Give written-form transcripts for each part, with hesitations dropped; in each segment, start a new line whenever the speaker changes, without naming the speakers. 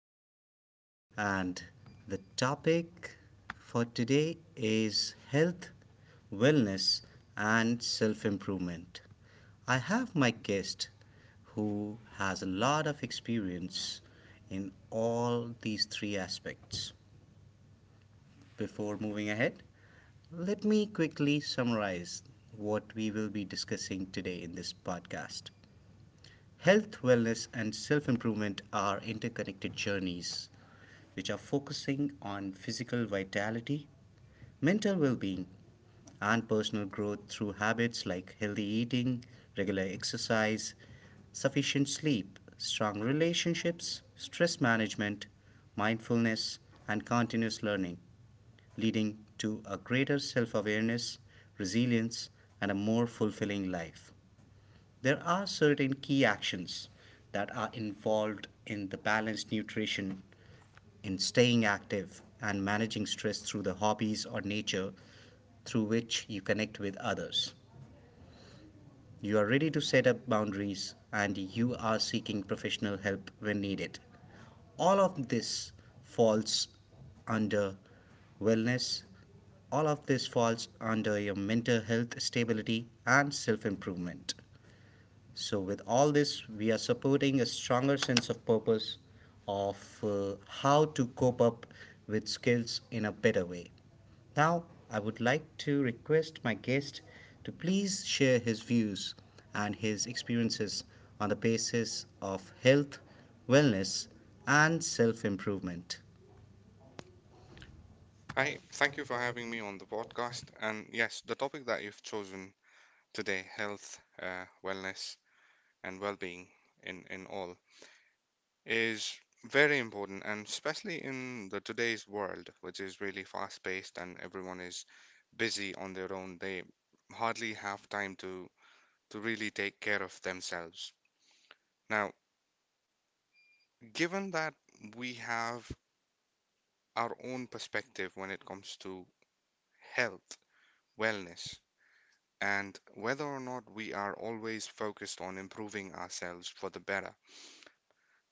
podcast. And the topic for today is health, wellness, and self improvement. I have my guest who has a lot of experience in all these three aspects. Before moving ahead, let me quickly summarize what we will be discussing today in this podcast. Health, wellness, and self improvement are interconnected journeys which are focusing on physical vitality, mental well being, and personal growth through habits like healthy eating, regular exercise, sufficient sleep, strong relationships, stress management, mindfulness, and continuous learning, leading to a greater self awareness, resilience, and a more fulfilling life. There are certain key actions that are involved in the balanced nutrition in staying active and managing stress through the hobbies or nature through which you connect with others. You are ready to set up boundaries and you are seeking professional help when needed. All of this falls under wellness, all of this falls under your mental health stability and self improvement. So, with all this, we are supporting a stronger sense of purpose of how to cope up with skills in a better way. Now, I would like to request my guest to please share his views and his experiences on the basis of health, wellness, and self improvement.
Hi, thank you for having me on the podcast. And yes, the topic that you've chosen today, health, wellness, and well-being in all, is very important, and especially in the today's world, which is really fast-paced and everyone is busy on their own. They hardly have time to really take care of themselves. Now, given that we have our own perspective when it comes to health, wellness and whether or not we are always focused on improving ourselves for the better.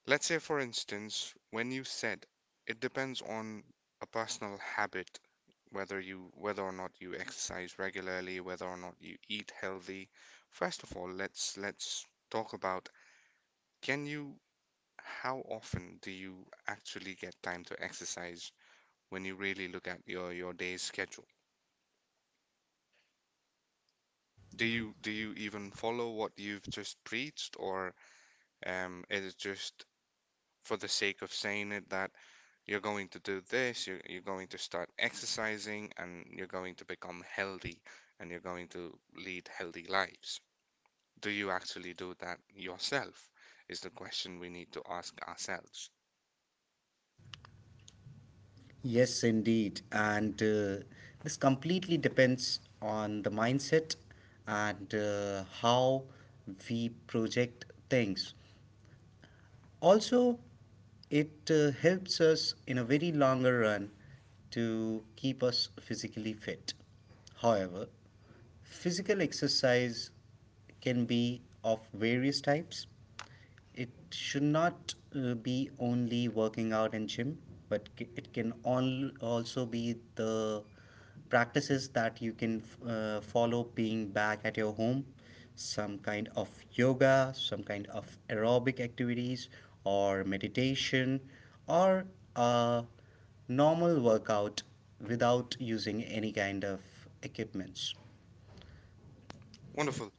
Let's say, for instance, when you said it depends on a personal habit whether or not you exercise regularly, whether or not you eat healthy. First of all, let's talk about can you how often do you actually get time to exercise when you really look at your day's schedule? Do you even follow what you've just preached, or is it just for the sake of saying it that you're going to do this, you're going to start exercising, and you're going to become healthy and you're going to lead healthy lives. Do you actually do that yourself? Is the question we need to ask ourselves.
Yes, indeed. And this completely depends on the mindset and how we project things. Also, it helps us in a very longer run to keep us physically fit. However, physical exercise can be of various types. It should not be only working out in gym, but it can all also be the practices that you can follow being back at your home, some kind of yoga, some kind of aerobic activities, or meditation, or a normal workout without using any kind of equipments.
Wonderful.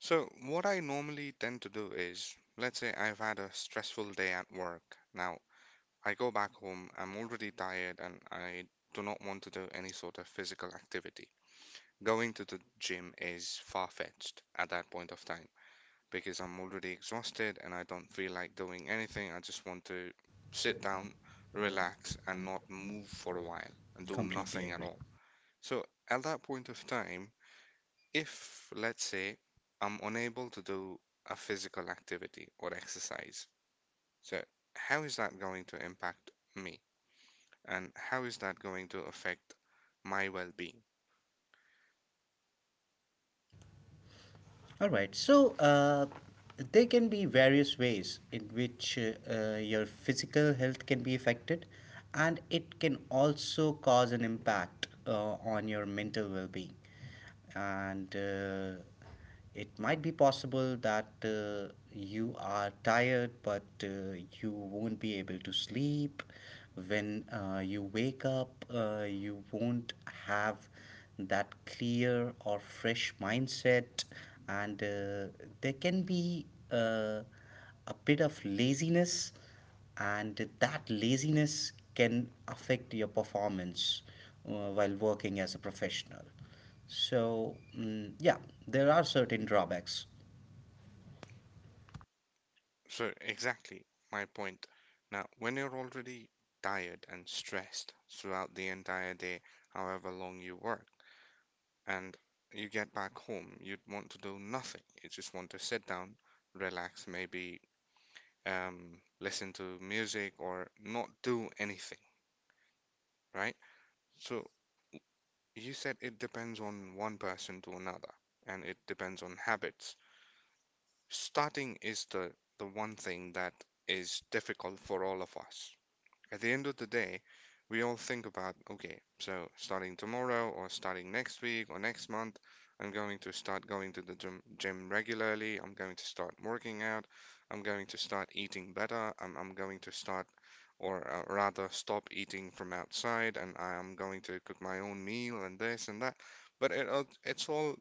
So, what I normally tend to do is, let's say I've had a stressful day at work. Now, I go back home, I'm already tired, and I do not want to do any sort of physical activity. Going to the gym is far-fetched at that point of time because I'm already exhausted and I don't feel like doing anything. I just want to sit down, relax, and not move for a while and do
Completely
nothing at
agree.
all. So at that point of time, if let's say I'm unable to do a physical activity or exercise, so how is that going to impact me? And how is that going to affect my well-being?
All right. So there can be various ways in which your physical health can be affected, and it can also cause an impact on your mental well being. And it might be possible that you are tired, but you won't be able to sleep. When you wake up, you won't have that clear or fresh mindset, and there can be uh, a bit of laziness, and that laziness can affect your performance while working as a professional. So yeah, there are certain drawbacks.
So, exactly my point. Now, when you're already tired and stressed throughout the entire day, however long you work, and you get back home, you'd want to do nothing. You just want to sit down, relax, maybe listen to music or not do anything, right? So, you said it depends on one person to another, and it depends on habits. Starting is the one thing that is difficult for all of us. At the end of the day, we all think about, okay, so starting tomorrow or starting next week or next month, I'm going to start going to the gym regularly. I'm going to start working out. I'm going to start eating better. I'm going to start, or rather, stop eating from outside, and I am going to cook my own meal and this and that. But it, it's all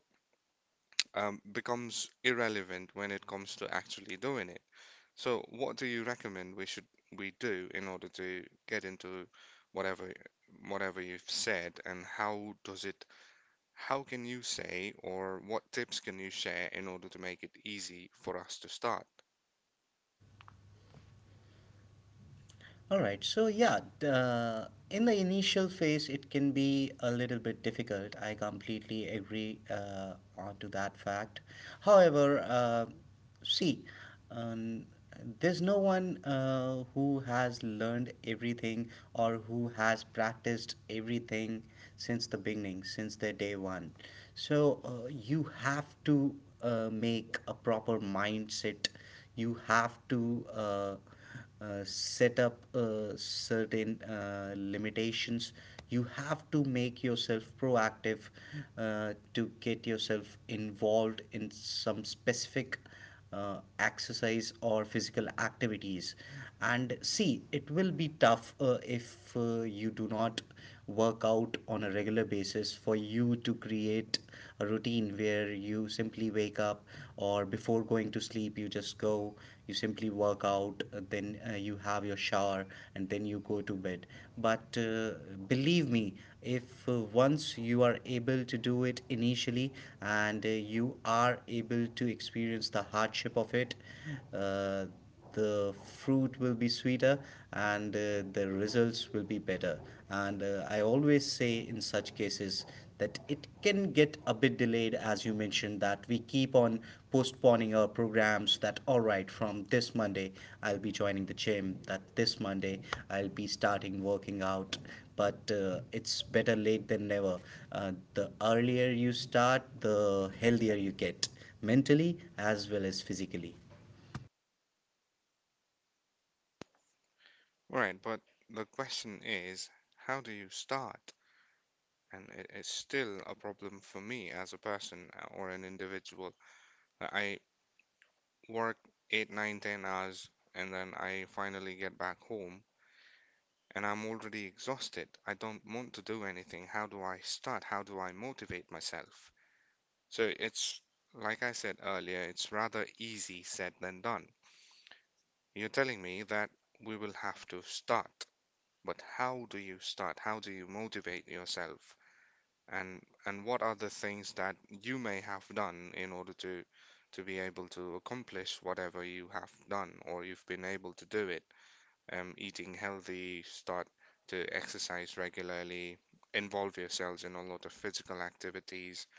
um, becomes irrelevant when it comes to actually doing it. So, what do you recommend we should we do in order to get into whatever whatever you've said, and how does it how can you say or what tips can you share in order to make it easy for us to start?
All right. So yeah, in the initial phase, it can be a little bit difficult. I completely agree on to that fact. However, see, um, there's no one who has learned everything or who has practiced everything since the beginning, since the day one. So you have to make a proper mindset, you have to set up certain limitations, you have to make yourself proactive to get yourself involved in some specific exercise or physical activities. And see, it will be tough if you do not work out on a regular basis for you to create a routine where you simply wake up or before going to sleep, you just go, you simply work out, then you have your shower, and then you go to bed. But believe me, if once you are able to do it initially and you are able to experience the hardship of it, uh, the fruit will be sweeter, and the results will be better. And I always say in such cases that it can get a bit delayed, as you mentioned, that we keep on postponing our programs, that all right, from this Monday I'll be joining the gym, that this Monday I'll be starting working out. But it's better late than never. The earlier you start, the healthier you get, mentally as well as physically.
Right, but the question is, how do you start? And it's still a problem for me as a person or an individual. I work eight, nine, 10 hours, and then I finally get back home and I'm already exhausted. I don't want to do anything. How do I start? How do I motivate myself? So it's, like I said earlier, it's rather easy said than done. You're telling me that we will have to start, but how do you start? How do you motivate yourself? And what are the things that you may have done in order to be able to accomplish whatever you have done or you've been able to do it? Eating healthy, start to exercise regularly, involve yourselves in a lot of physical activities.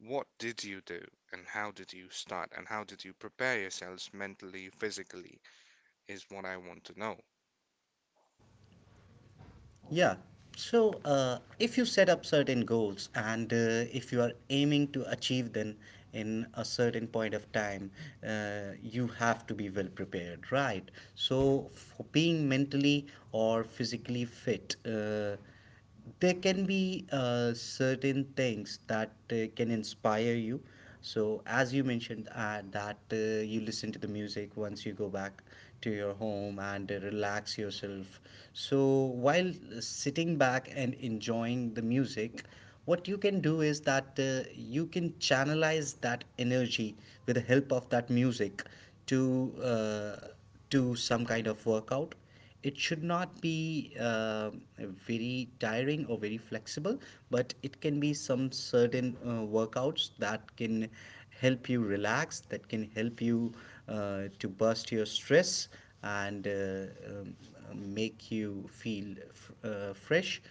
What did you do and how did you start and how did you prepare yourselves mentally, physically is what I want to know.
Yeah. So, if you set up certain goals and if you are aiming to achieve them in a certain point of time, you have to be well prepared, right? So, for being mentally or physically fit, there can be certain things that can inspire you. So as you mentioned, that you listen to the music once you go back to your home and relax yourself, so while sitting back and enjoying the music, what you can do is that you can channelize that energy with the help of that music, to uh, to some kind of workout. It should not be very tiring or very flexible, but it can be some certain workouts that can help you relax, that can help you to burst your stress, and make you feel fresh.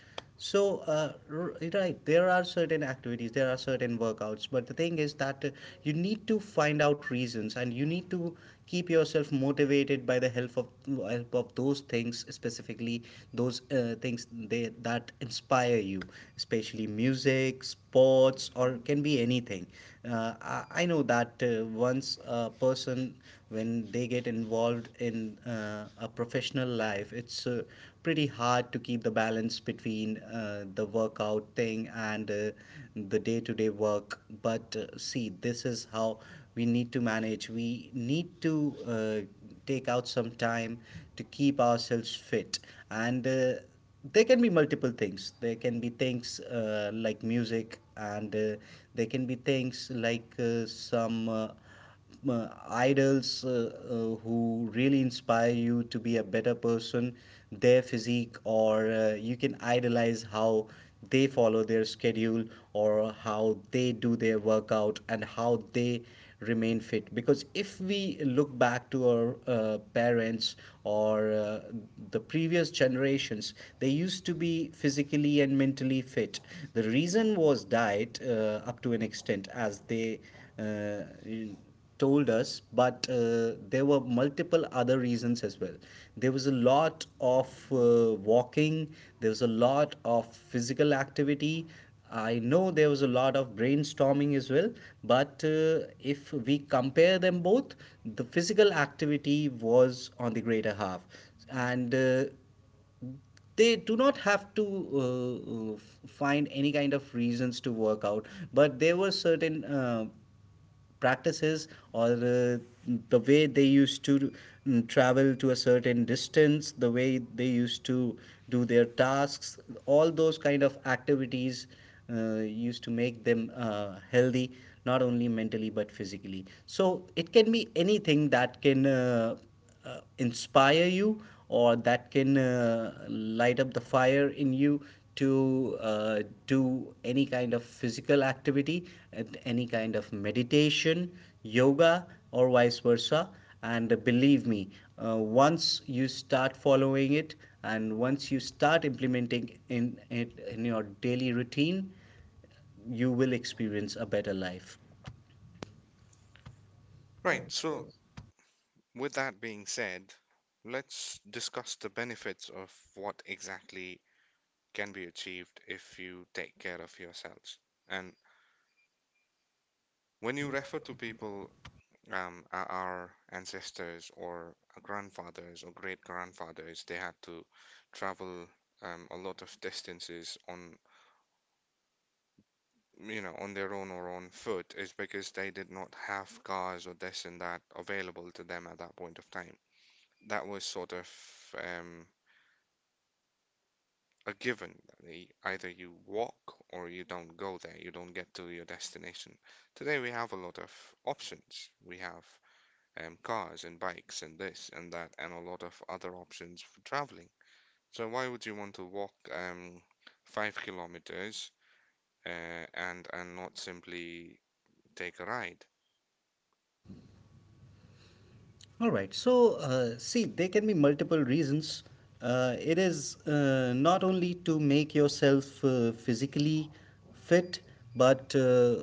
So, right, there are certain activities, there are certain workouts, but the thing is that you need to find out reasons and you need to keep yourself motivated by the help of those things, specifically those things that inspire you, especially music, sports, or can be anything. I know that once a person, when they get involved in a professional life, it's pretty hard to keep the balance between the workout thing and the day to day work. But see, this is how we need to manage. We need to take out some time to keep ourselves fit. And there can be multiple things. There can be things like music, and there can be things like some. Idols who really inspire you to be a better person, their physique, or you can idolize how they follow their schedule, or how they do their workout and how they remain fit. Because if we look back to our parents or the previous generations, they used to be physically and mentally fit. The reason was diet up to an extent, as they uh, told us, but there were multiple other reasons as well. There was a lot of walking, there was a lot of physical activity. I know there was a lot of brainstorming as well, but if we compare them both, the physical activity was on the greater half. And they do not have to find any kind of reasons to work out, but there were certain practices, or the way they used to travel to a certain distance, the way they used to do their tasks, all those kind of activities uh, used to make them healthy, not only mentally but physically. So it can be anything that can inspire you or that can light up the fire in you to do any kind of physical activity and any kind of meditation, yoga, or vice versa. And believe me, once you start following it and once you start implementing in it in your daily routine, you will experience a better life.
Right, so with that being said, let's discuss the benefits of what exactly can be achieved if you take care of yourselves. And when you refer to people, our ancestors or grandfathers or great grandfathers, they had to travel a lot of distances on, you know, on their own or on foot, is because they did not have cars or this and that available to them at that point of time. That was sort of um, a given. Either you walk or you don't go there, you don't get to your destination. Today we have a lot of options. We have cars and bikes and this and that and a lot of other options for traveling. So why would you want to walk 5 kilometers and not simply take a ride?
All right. So, see, there can be multiple reasons. It is not only to make yourself physically fit, but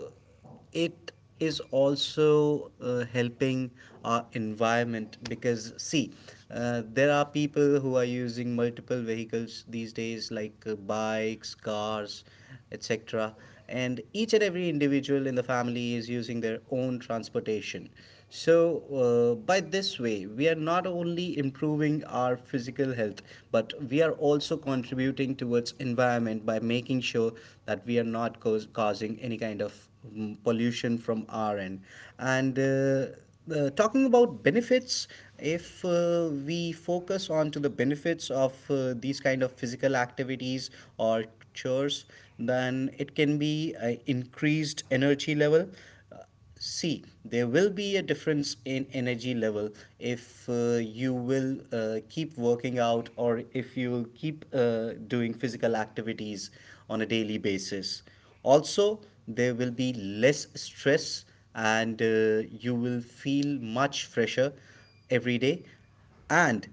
it is also helping our environment, because, see, there are people who are using multiple vehicles these days, like bikes, cars, etc. And each and every individual in the family is using their own transportation. So, by this way, we are not only improving our physical health, but we are also contributing towards environment by making sure that we are not causing any kind of pollution from our end. And talking about benefits, if we focus on to the benefits of these kind of physical activities or structures, then it can be increased energy level. Uh, See there will be a difference in energy level if you will keep working out, or if you will keep doing physical activities on a daily basis. Also, there will be less stress, and you will feel much fresher every day. And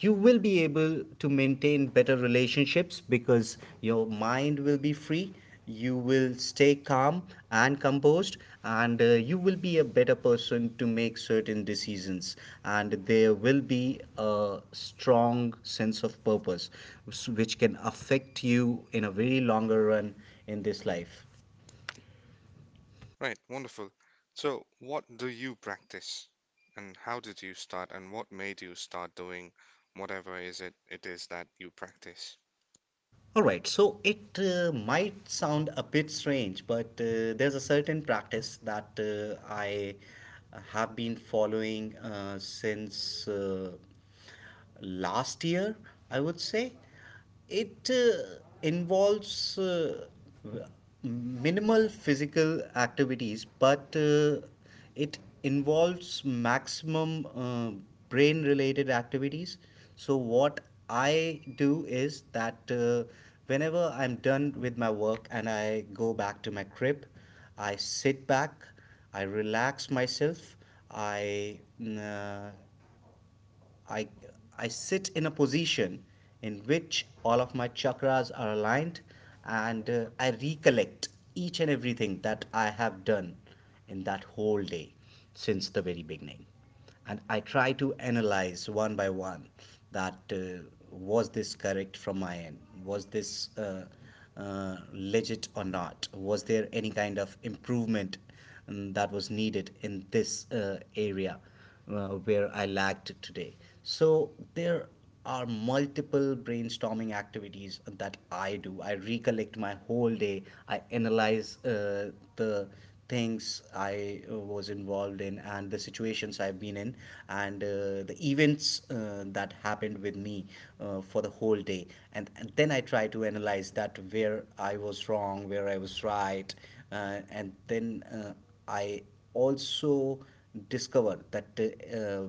you will be able to maintain better relationships because your mind will be free, you will stay calm and composed, and you will be a better person to make certain decisions, and there will be a strong sense of purpose, which can affect you in a very longer run in this life.
Right, wonderful. So what do you practice and how did you start and what made you start doing whatever is it it is that you practice?
All right, so it might sound a bit strange, but there's a certain practice that I have been following since last year, I would say. It involves minimal physical activities, but it involves maximum brain related activities. So, what I do is that whenever I'm done with my work and I go back to my crib, I sit back, I relax myself, I uh, I, I sit in a position in which all of my chakras are aligned and I recollect each and everything that I have done in that whole day since the very beginning. And I try to analyze one by one that was this correct from my end? Was this legit or not? Was there any kind of improvement that was needed in this area where I lagged today. So there are multiple brainstorming activities that I do. I recollect my whole day. I analyze the things I was involved in and the situations I've been in and the events that happened with me for the whole day. And then I try to analyze that where I was wrong, where I was right, and then I also discover that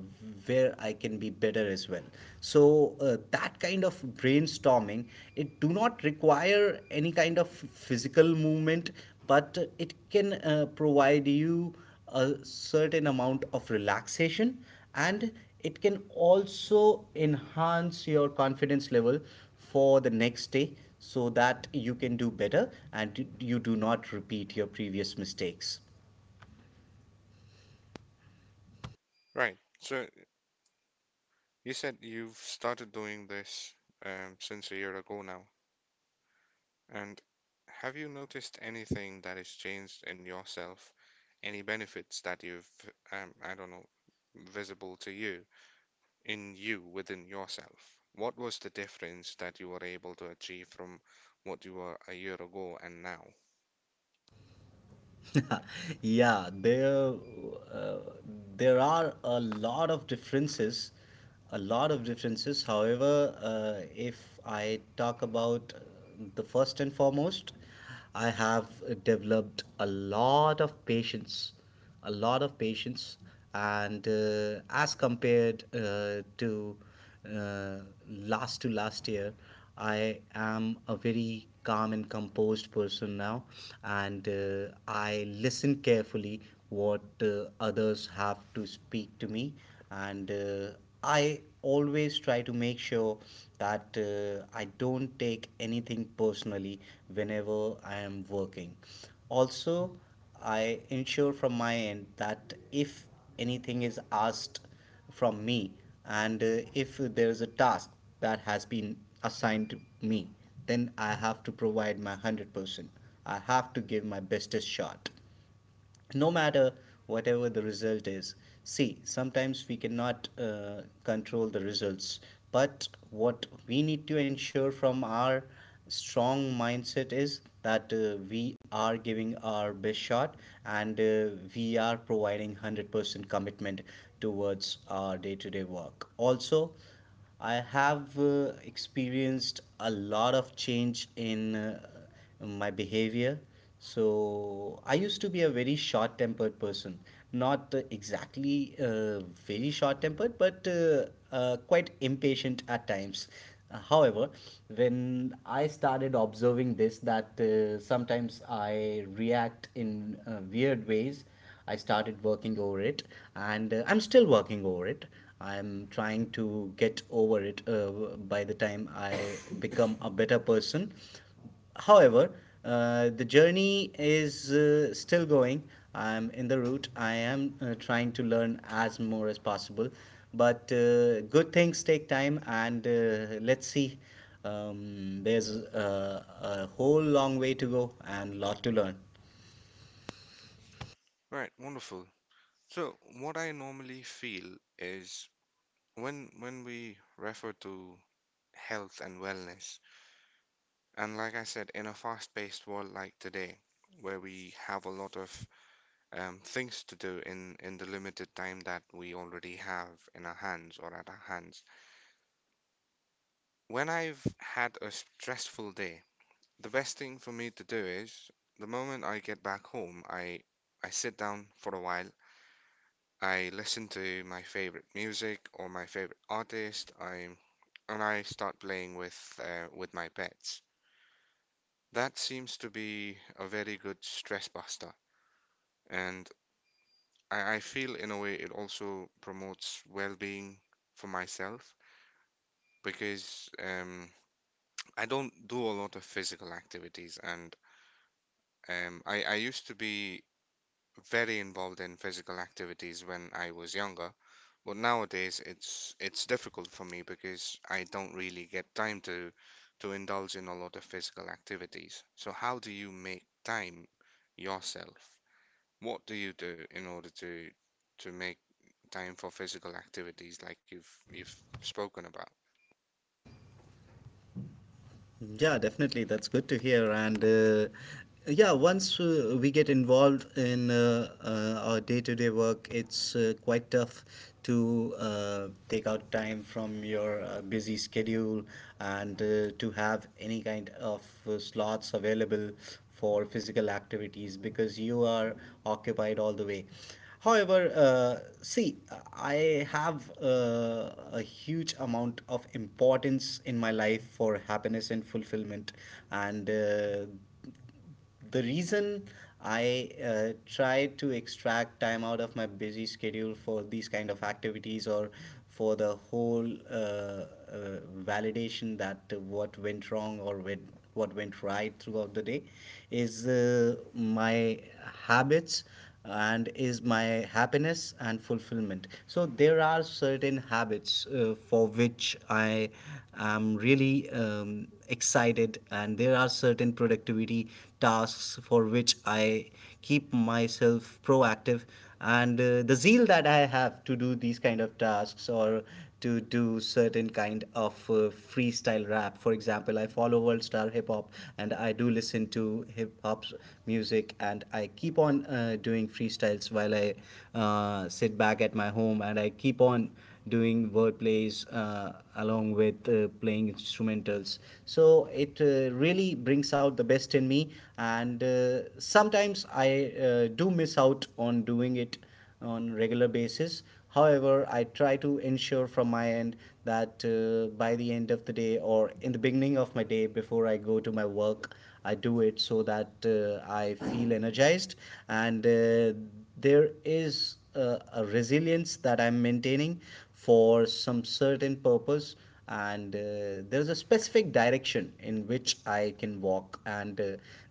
where I can be better as well. So that kind of brainstorming, it do not require any kind of physical movement, but it can provide you a certain amount of relaxation, and it can also enhance your confidence level for the next day so that you can do better and you do not repeat your previous mistakes.
Right. So you said you've started doing this since a year ago now. And have you noticed anything that has changed in yourself? Any benefits that I don't know, visible to you in you within yourself? What was the difference that you were able to achieve from what you were a year ago and now?
Yeah, uh, there are a lot of differences, a lot of differences. However, if I talk about the first and foremost, I have developed a lot of patience, a lot of patience, and as compared to uh, last to last year, I am a very calm and composed person now. And I listen carefully what others have to speak to me. And I always try to make sure that I don't take anything personally whenever I am working. Also, I ensure from my end that if anything is asked from me, and if there is a task that has been assigned to me, then I have to provide my 100%. I have to give my bestest shot no matter whatever the result is. See, sometimes we cannot control the results, but what we need to ensure from our strong mindset is that we are giving our best shot, and we are providing 100% commitment towards our day-to-day work. Also, I have experienced a lot of change in my behavior. So I used to be a very short-tempered person, not very short-tempered, but quite impatient at times. However, when I started observing this, that sometimes I react in weird ways, I started working over it, and I'm still working over it. I'm trying to get over it by the time I become a better person. However, the journey is still going. I'm in the route. I am trying to learn as more as possible. But good things take time, and let's see. There's a whole long way to go and lot to learn.
Right, wonderful. So, what I normally feel is, when we refer to health and wellness, and like I said, in a fast-paced world like today, where we have a lot of things to do in the limited time that we already have in our hands or at our hands. When I've had a stressful day, the best thing for me to do is the moment I get back home, I sit down for a while. I listen to my favorite music or my favorite artist. I And I start playing with my pets. That seems to be a very good stress buster, and I feel in a way it also promotes well-being for myself because I don't do a lot of physical activities, and I used to be very involved in physical activities when I was younger, but nowadays it's difficult for me because I don't really get time to indulge in a lot of physical activities. So how do you make time yourself? What do you do in order to make time for physical activities like you've spoken about?
Yeah, definitely. That's good to hear. And yeah, once we get involved in our day to day work, it's quite tough to take out time from your busy schedule and to have any kind of slots available for physical activities because you are occupied all the way. However, see, I have a huge amount of importance in my life for happiness and fulfillment, and the reason I try to extract time out of my busy schedule for these kind of activities or for the whole validation that what went wrong or when, what went right throughout the day is my habits and is my happiness and fulfillment. So there are certain habits for which I'm really excited, and there are certain productivity tasks for which I keep myself proactive. And the zeal that I have to do these kind of tasks or to do certain kind of freestyle rap. For example, I follow World Star Hip Hop, and I do listen to hip hop's music, and I keep on doing freestyles while I sit back at my home and I keep on doing word plays along with playing instrumentals. So it really brings out the best in me, and sometimes I do miss out on doing it on regular basis. However, I try to ensure from my end that by the end of the day or in the beginning of my day before I go to my work, I do it so that I feel energized, and there is a resilience that I'm maintaining for some certain purpose, and there's a specific direction in which I can walk, and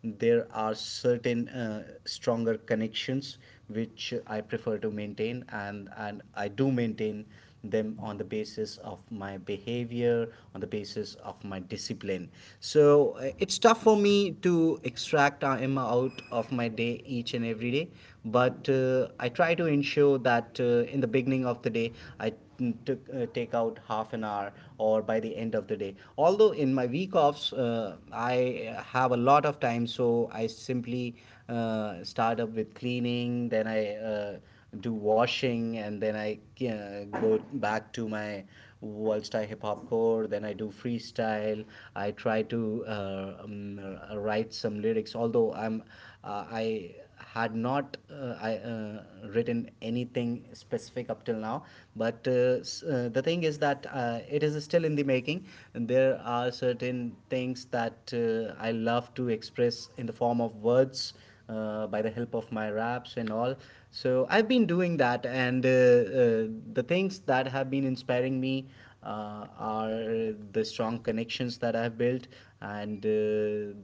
there are certain stronger connections which I prefer to maintain, and I do maintain them on the basis of my behavior, on the basis of my discipline. So it's tough for me to extract Emma out of my day each and every day, but I try to ensure that in the beginning of the day, I to take out half an hour or by the end of the day. Although in my week offs I have a lot of time, so I simply start up with cleaning, then I do washing, and then I go back to my world style hip hop core. Then I do freestyle. I try to write some lyrics. Although I had not I written anything specific up till now. But the thing is that it is still in the making. There are certain things that I love to express in the form of words by the help of my raps and all. So I've been doing that, and the things that have been inspiring me are the strong connections that I've built and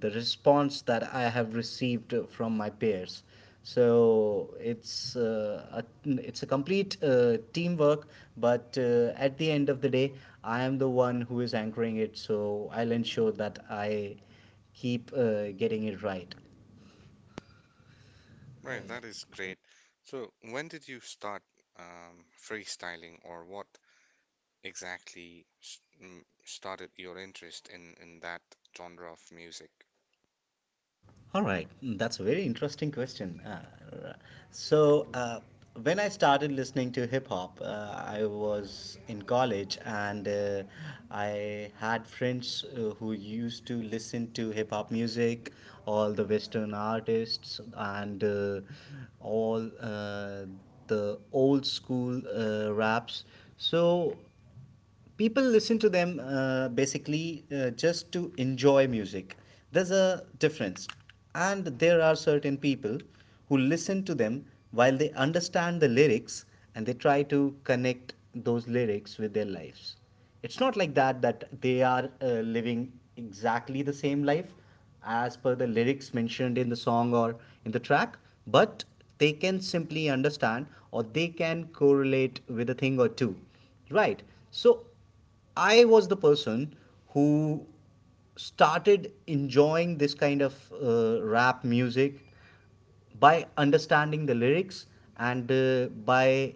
the response that I have received from my peers. So it's a complete teamwork, but at the end of the day, I am the one who is anchoring it. So I'll ensure that I keep getting it right.
Right, that is great. So, when did you start freestyling, or what exactly started your interest in that genre of music?
All right. Mm, that's a very interesting question. So, uh, when I started listening to hip hop, I was in college, and I had friends who used to listen to hip hop music, all the Western artists, and all the old school raps. So people listen to them basically just to enjoy music. There's a difference, and there are certain people who listen to them while they understand the lyrics, and they try to connect those lyrics with their lives. It's not like that, that they are living exactly the same life as per the lyrics mentioned in the song or in the track, but they can simply understand or they can correlate with a thing or two, right? So I was the person who started enjoying this kind of rap music by understanding the lyrics, and by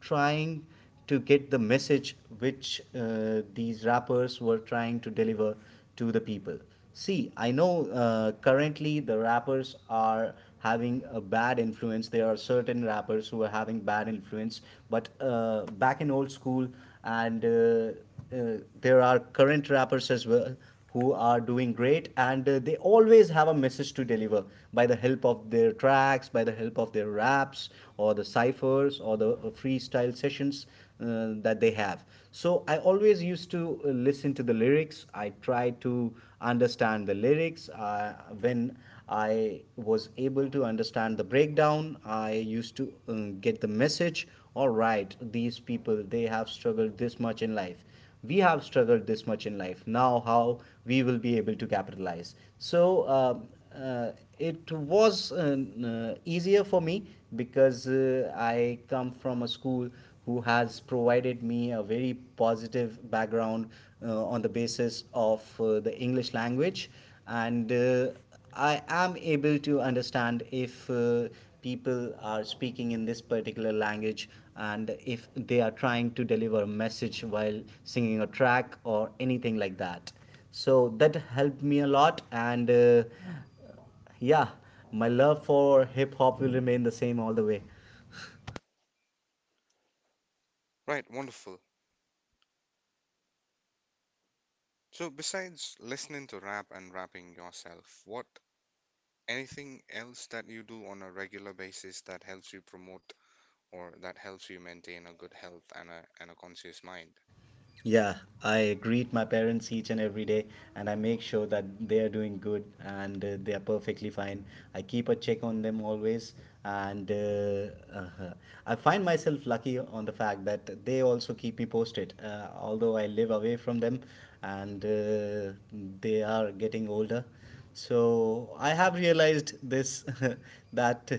trying to get the message which these rappers were trying to deliver to the people. See, I know currently the rappers are having a bad influence. There are certain rappers who are having bad influence, but back in old school, and there are current rappers as well who are doing great, and they always have a message to deliver by the help of their tracks, by the help of their raps or the ciphers or the freestyle sessions that they have. So I always used to listen to the lyrics. I try to understand the lyrics. When I was able to understand the breakdown, I used to get the message. All right, these people, they have struggled this much in life, we have struggled this much in life, now how we will be able to capitalize. So uh, it was easier for me because I come from a school who has provided me a very positive background on the basis of the English language, and I am able to understand if people are speaking in this particular language and if they are trying to deliver a message while singing a track or anything like that. So that helped me a lot, and yeah, my love for hip hop will remain the same all the way.
Right, wonderful. So, besides listening to rap and rapping yourself, what anything else that you do on a regular basis that helps you promote or that helps you maintain a good health and a conscious mind?
Yeah, I greet my parents each and every day, and I make sure that they are doing good and they are perfectly fine. I keep a check on them always, and I find myself lucky on the fact that they also keep me posted. Although I live away from them, and they are getting older, so I have realized this that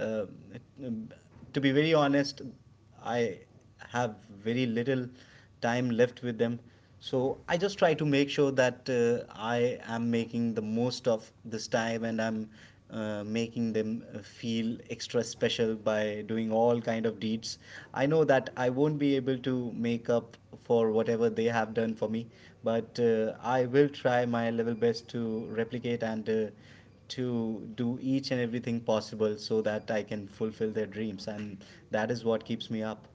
uh, to be very honest, I have very little time left with them. So I just try to make sure that I am making the most of this time, and I'm making them feel extra special by doing all kind of deeds. I know that I won't be able to make up for whatever they have done for me, but I will try my level best to replicate and to do each and everything possible so that I can fulfill their dreams. And that is what keeps me up.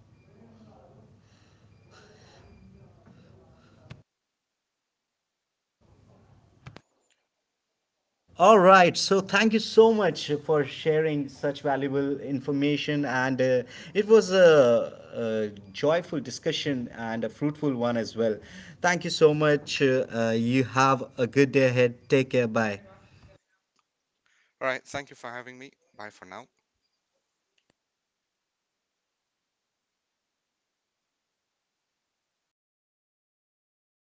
All right. So thank you so much for sharing such valuable information. And it was a joyful discussion and a fruitful one as well. Thank you so much. You have a good day ahead. Take care. Bye.
All right, thank you for having me. Bye for now.